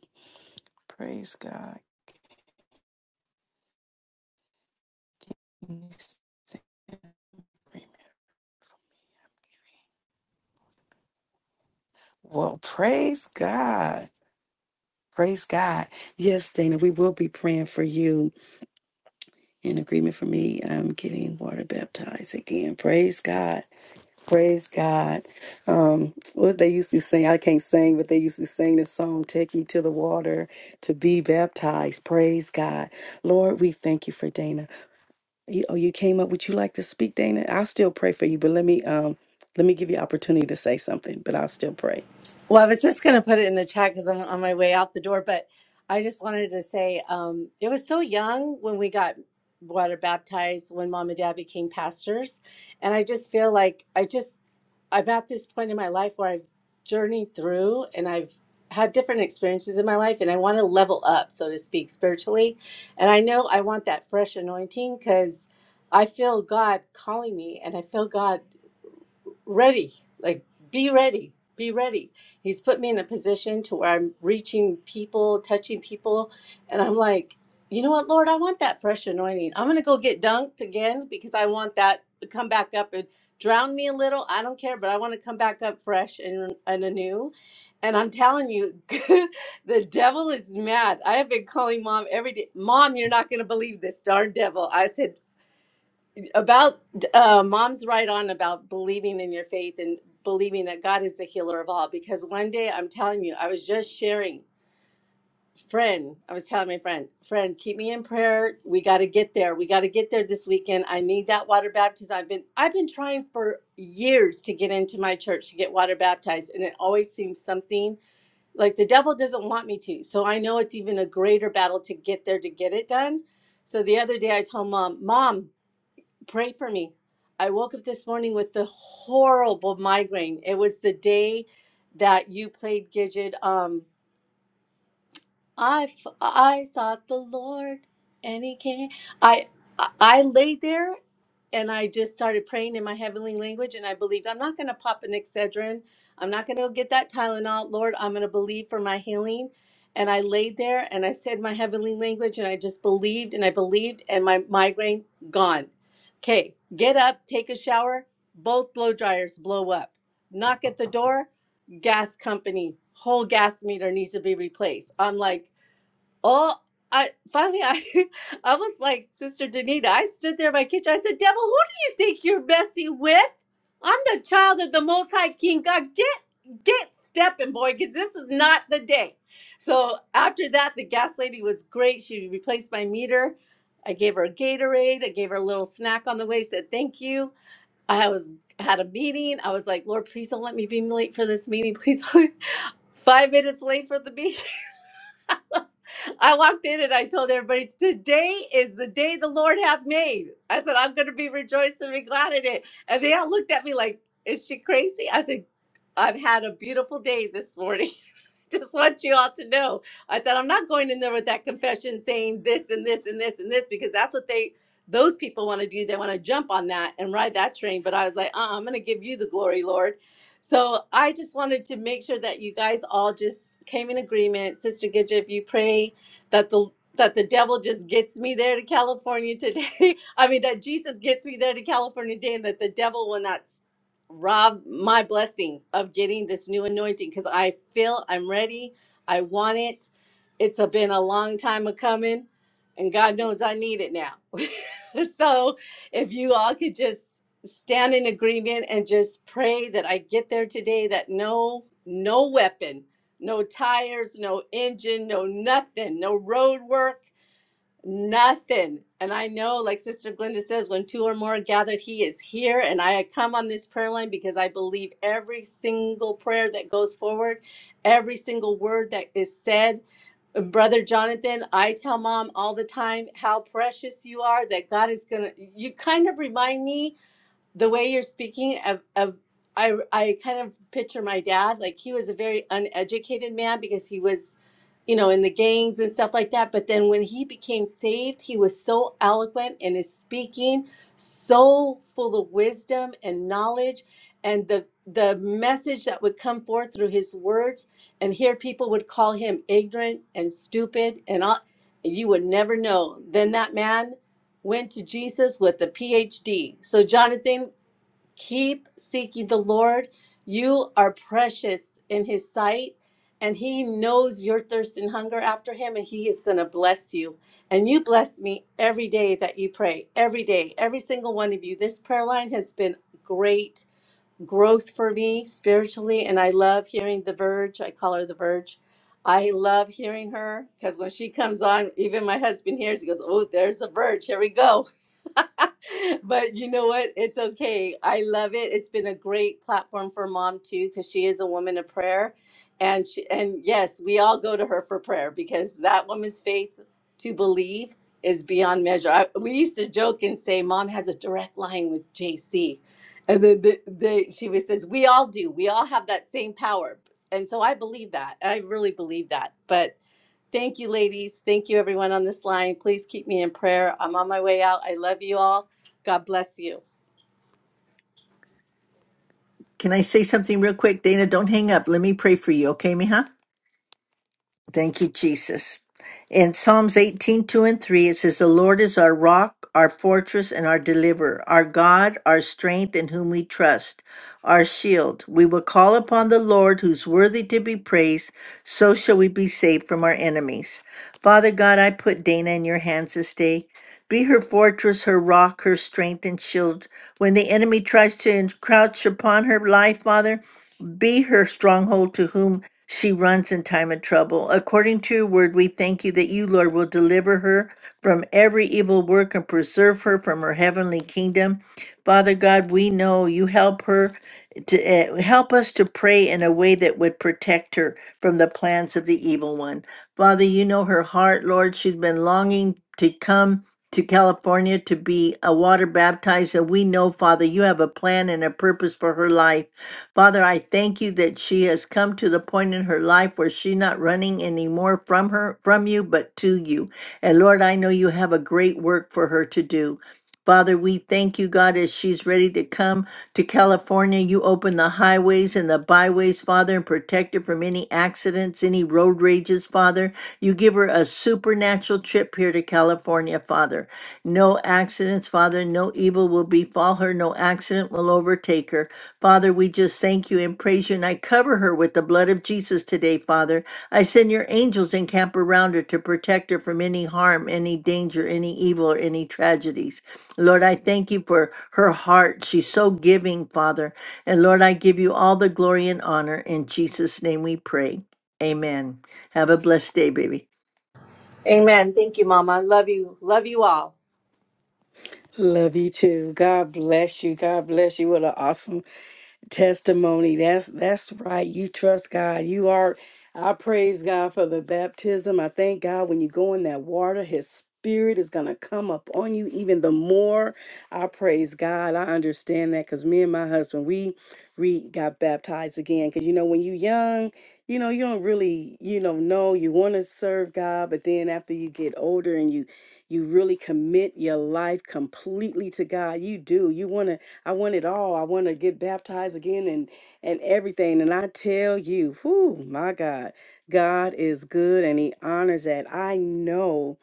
Speaker 1: Praise God. Give me a second. Well, praise God. Praise God. Yes, Dana, we will be praying for you in agreement for me. I'm getting water baptized again. Praise God. Praise God. Um, what they used to sing, I can't sing, but they used to sing the song, Take Me to the Water to Be Baptized. Praise God. Lord, we thank you for Dana. You, oh, you came up. Would you like to speak, Dana? I'll still pray for you, but let me um let me give you opportunity to say something, but I'll still pray.
Speaker 7: Well, I was just going to put it in the chat because I'm on my way out the door, but I just wanted to say um, it was so young when we got water baptized when mom and dad became pastors. And I just feel like I just, I'm at this point in my life where I've journeyed through and I've had different experiences in my life and I want to level up, so to speak, spiritually. And I know I want that fresh anointing because I feel God calling me and I feel God ready like be ready be ready he's put me in a position to where i'm reaching people touching people and i'm like you know what lord i want that fresh anointing i'm gonna go get dunked again because i want that to come back up and drown me a little i don't care but i want to come back up fresh and, and anew and i'm telling you the devil is mad i have been calling mom every day mom you're not gonna believe this darn devil i said about uh, mom's right on about believing in your faith and believing that god is the healer of all because one day i'm telling you i was just sharing friend i was telling my friend friend keep me in prayer we got to get there we got to get there this weekend i need that water baptism i've been i've been trying for years to get into my church to get water baptized and it always seems something like the devil doesn't want me to so i know it's even a greater battle to get there to get it done so the other day i told mom mom pray for me. I woke up this morning with the horrible migraine. It was the day that you played Gidget. Um, I f- I sought the Lord, and He came. I I I laid there and I just started praying in my heavenly language and I believed I'm not going to pop an Excedrin. I'm not going to get that Tylenol. Lord, I'm going to believe for my healing. And I laid there and I said my heavenly language and I just believed and I believed and my migraine gone. Okay, get up, take a shower. Both blow dryers blow up. Knock at the door. Gas company, whole gas meter needs to be replaced. I'm like, Oh, I finally I I was like Sister Danita. I stood there in my kitchen. I said, "Devil, who do you think you're messing with? I'm the child of the Most High King God. Get get stepping, boy, because this is not the day." So after that, the gas lady was great. She replaced my meter. I gave her a Gatorade. I gave her a little snack on the way. Said thank you. I was had a meeting. I was like, Lord, please don't let me be late for this meeting. Please, five minutes late for the meeting. I walked in and I told everybody, Today is the day the Lord hath made. I said, I'm going to be rejoiced and be glad in it. And they all looked at me like, Is she crazy? I said, I've had a beautiful day this morning. Just want you all to know. I thought I'm not going in there with that confession saying this and this and this and this because that's what they those people want to do. They want to jump on that and ride that train. But I was like, uh, I'm going to give you the glory, Lord. So I just wanted to make sure that you guys all just came in agreement. Sister Gidja, if you pray that the that the devil just gets me there to California today. I mean that Jesus gets me there to California today and that the devil will not s- rob my blessing of getting this new anointing cuz I feel I'm ready. I want it. It's a, been a long time a coming and God knows I need it now. so if you all could just stand in agreement and just pray that I get there today that no no weapon no tires, no engine, no nothing, no road work, nothing. And I know, like Sister Glenda says, when two or more are gathered, He is here. And I come on this prayer line because I believe every single prayer that goes forward, every single word that is said. Brother Jonathan, I tell mom all the time how precious you are, that God is going to, you kind of remind me the way you're speaking of, of I, I kind of picture my dad like he was a very uneducated man because he was you know in the gangs and stuff like that but then when he became saved he was so eloquent in his speaking so full of wisdom and knowledge and the the message that would come forth through his words and here people would call him ignorant and stupid and all you would never know then that man went to Jesus with a PhD. So, Jonathan, Keep seeking the Lord. You are precious in His sight, and He knows your thirst and hunger after Him, and He is going to bless you. And you bless me every day that you pray, every day, every single one of you. This prayer line has been great growth for me spiritually and i love hearing the verge i call her the verge i love hearing her because when she comes on even my husband hears he goes oh there's the verge here we go but you know what it's okay i love it it's been a great platform for mom too because she is a woman of prayer and she and yes we all go to her for prayer because that woman's faith to believe is beyond measure I, we used to joke and say mom has a direct line with jc and then they, they, she says, we all do. We all have that same power. And so I believe that. I really believe that. But thank you, ladies. Thank you, everyone on this line. Please keep me in prayer. I'm on my way out. I love you all. God bless you.
Speaker 6: Can I say something real quick? Dana, don't hang up. Let me pray for you, okay, mija? Thank you, Jesus. In Psalms 18, 2 and 3, it says, The Lord is our rock, our fortress, and our deliverer, our God, our strength, in whom we trust, our shield. We will call upon the Lord, who's worthy to be praised. So shall we be saved from our enemies. Father God, I put Dana in your hands this day. Be her fortress, her rock, her strength, and shield. When the enemy tries to encroach upon her life, Father, be her stronghold to whom she runs in time of trouble. According to your word, we thank you that you, Lord, will deliver her from every evil work and preserve her from her heavenly kingdom. Father God, we know you help her to uh, help us to pray in a way that would protect her from the plans of the evil one. Father, you know her heart, Lord. She's been longing to come to California to be a water baptized. And we know, Father, you have a plan and a purpose for her life. Father, I thank you that she has come to the point in her life where she's not running anymore from her from you, but to you. And Lord, I know you have a great work for her to do. Father, we thank you, God, as she's ready to come to California. You open the highways and the byways, Father, and protect her from any accidents, any road rages, Father. You give her a supernatural trip here to California, Father. No accidents, Father. No evil will befall her. No accident will overtake her. Father, we just thank you and praise you, and I cover her with the blood of Jesus today, Father. I send your angels and camp around her to protect her from any harm, any danger, any evil, or any tragedies. Lord, I thank you for her heart. She's so giving, Father. And Lord, I give you all the glory and honor. In Jesus' name we pray. Amen. Have a blessed day, baby.
Speaker 7: Amen. Thank you, Mama. Love you. Love you all.
Speaker 1: Love you too. God bless you. God bless you. What an awesome testimony that's that's right you trust god you are i praise god for the baptism i thank god when you go in that water his spirit is going to come up on you even the more i praise god i understand that because me and my husband we we got baptized again because you know when you are young you know you don't really you know know you want to serve god but then after you get older and you you really commit your life completely to god you do you want to I want it all. I want to get baptized again and and everything. And I tell you, whoo, my God, God is good and He honors that. I know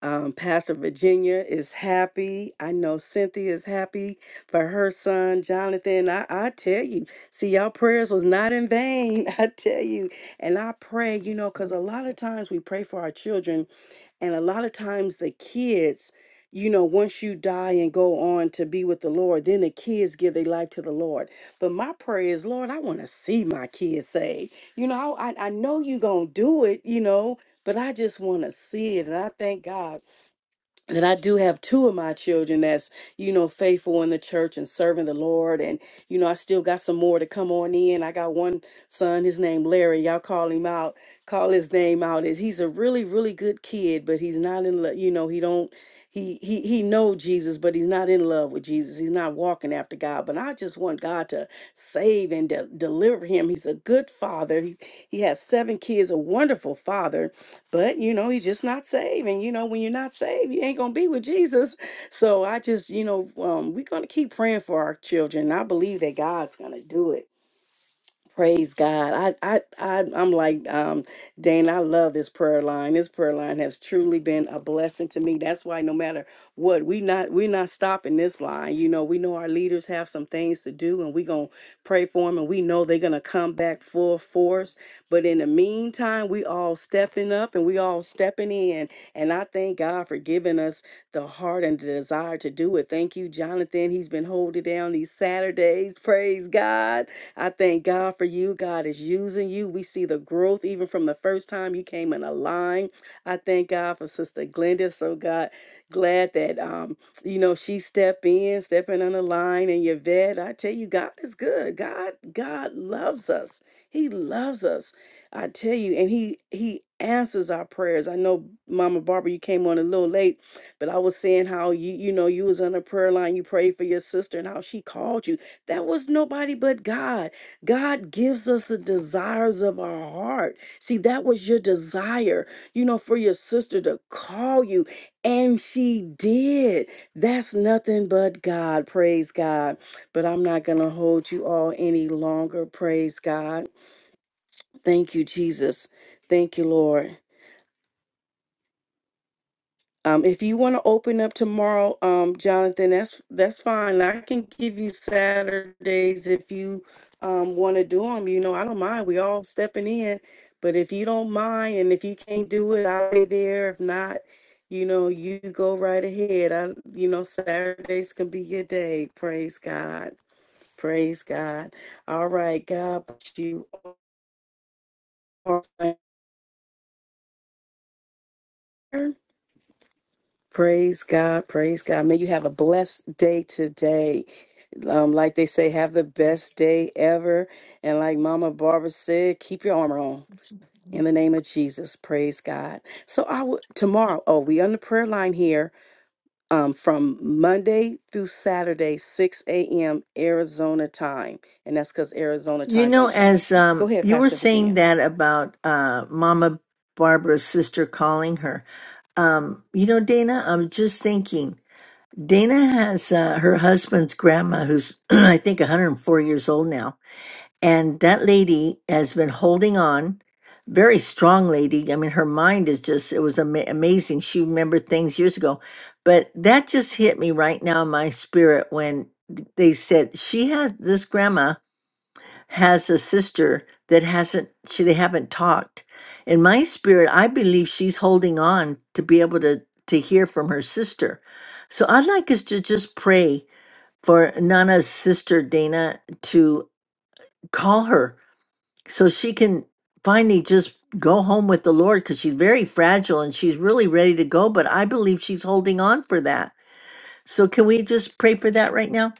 Speaker 1: um, Pastor Virginia is happy. I know Cynthia is happy for her son Jonathan. I, I tell you, see, y'all prayers was not in vain. I tell you, and I pray, you know, because a lot of times we pray for our children and a lot of times the kids, you know, once you die and go on to be with the Lord, then the kids give their life to the Lord. But my prayer is, Lord, I want to see my kids saved. You know, I, I know you're going to do it, you know, but I just want to see it. And I thank God that I do have two of my children that's, you know, faithful in the church and serving the Lord. And, you know, I still got some more to come on in. I got one son, his name Larry. Y'all call him out, call his name out. Is he's a really, really good kid, but he's not in love, you know, he don't he he he know Jesus, but he's not in love with Jesus. He's not walking after God. But I just want God to save and de- deliver him. He's a good father. He, he has seven kids, a wonderful father but you know, he's just not saved. And you know, when you're not saved, you ain't gonna be with Jesus. So I just, you know, um, we're gonna keep praying for our children. and I believe that God's gonna do it. Praise God. I, I, I, I'm like, um, Dane, I love this prayer line. This prayer line has truly been a blessing to me. That's why no matter what, we not, we're not stopping this line. You know, we know our leaders have some things to do and we going to pray for them and we know they're going to come back full force. But in the meantime, we all stepping up and we all stepping in. And I thank God for giving us the heart and the desire to do it. Thank you, Jonathan. He's been holding down these Saturdays. Praise God I thank God for you. God is using you. We see the growth even from the first time you came in a line. I thank God for Sister Glenda. So God, glad that um, you know, she stepped in, stepping on the line and your vet. I tell you, God is good. God, God loves us. He loves us. I tell you, and he he answers our prayers. I know Mama Barbara, you came on a little late, but I was saying how you, you know, you was on the prayer line, you prayed for your sister and how she called you. That was nobody but God. God gives us the desires of our heart. See, that was your desire, you know, for your sister to call you. And she did. That's nothing but God. Praise God. But I'm not going to hold you all any longer. Praise God. Thank you, Jesus. Thank you, Lord. Um, if you want to open up tomorrow, um, Jonathan, that's that's fine. I can give you Saturdays if you um, want to do them. You know, I don't mind. We all stepping in, but if you don't mind, and if you can't do it, I'll be there. If not, you know, you go right ahead. I, you know, Saturdays can be your day. Praise God. Praise God. All right, God, bless you are praise God. Praise God. May you have a blessed day today. Um, like they say, have the best day ever. And like Mama Barbara said, keep your armor on. In the name of Jesus, praise God. So I will tomorrow. Oh, we on the prayer line here um, from Monday through Saturday, 6 a.m. Arizona time, and that's because Arizona
Speaker 6: You
Speaker 1: time
Speaker 6: know,
Speaker 1: don't
Speaker 6: as
Speaker 1: change. Go
Speaker 6: um,
Speaker 1: ahead,
Speaker 6: you were
Speaker 1: Pastor
Speaker 6: saying
Speaker 1: Virginia.
Speaker 6: that about uh, Mama Barbara's sister calling her, Um, you know, Dana, I'm just thinking. Dana has uh, her husband's grandma, who's I think 104 years old now, and that lady has been holding on. Very strong lady. I mean, her mind is just, it was ama- amazing. She remembered things years ago. But that just hit me right now in my spirit when they said she has this grandma has a sister that hasn't she they haven't talked in my spirit i believe she's holding on to be able to to hear from her sister so i'd like us to just pray for nana's sister dana to call her so she can finally just go home with the lord because she's very fragile and she's really ready to go but i believe she's holding on for that so can we just pray for that right now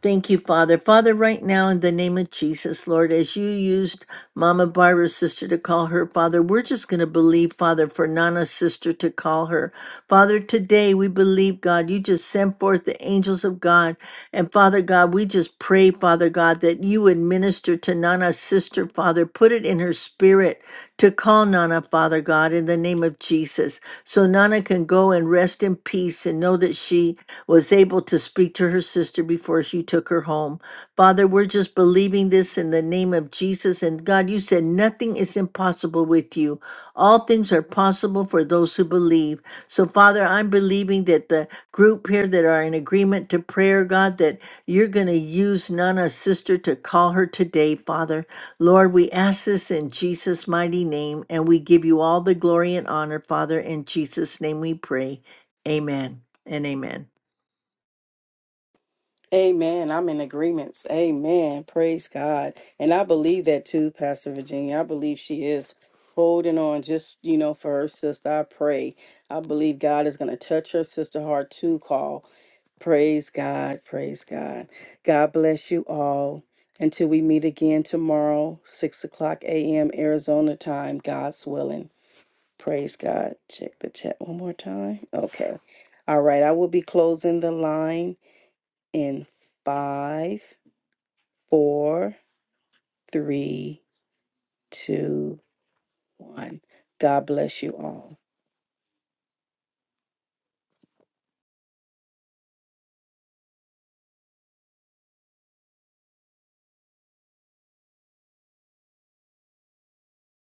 Speaker 6: Thank you, Father. Father, right now, in the name of Jesus, Lord, as you used Mama Barbara's sister to call her, Father, we're just going to believe, Father, for Nana's sister to call her. Father, today we believe, God, you just sent forth the angels of God. And Father God, we just pray, Father God, that you would minister to Nana's sister, Father. Put it in her spirit to call Nana, Father God, in the name of Jesus. So Nana can go and rest in peace and know that she was able to speak to her sister before she took her home. Father, we're just believing this in the name of Jesus. And God, you said nothing is impossible with you. All things are possible for those who believe. So, Father, I'm believing that the group here that are in agreement to prayer, God, that you're going to use Nana's sister to call her today, Father. Lord, we ask this in Jesus' mighty name, and we give you all the glory and honor, Father. In Jesus' name we pray. Amen and amen.
Speaker 1: Amen. I'm in agreements. Amen. Praise God. And I believe that too, Pastor Virginia. I believe she is holding on just, you know, for her sister. I pray. I believe God is going to touch her sister heart too, call. Praise God. Praise God. God bless you all. Until we meet again tomorrow, 6 o'clock a.m. Arizona time, God's willing. Praise God. Check the chat one more time. Okay. All right. I will be closing the line in five, four, three, two, one. God bless you all.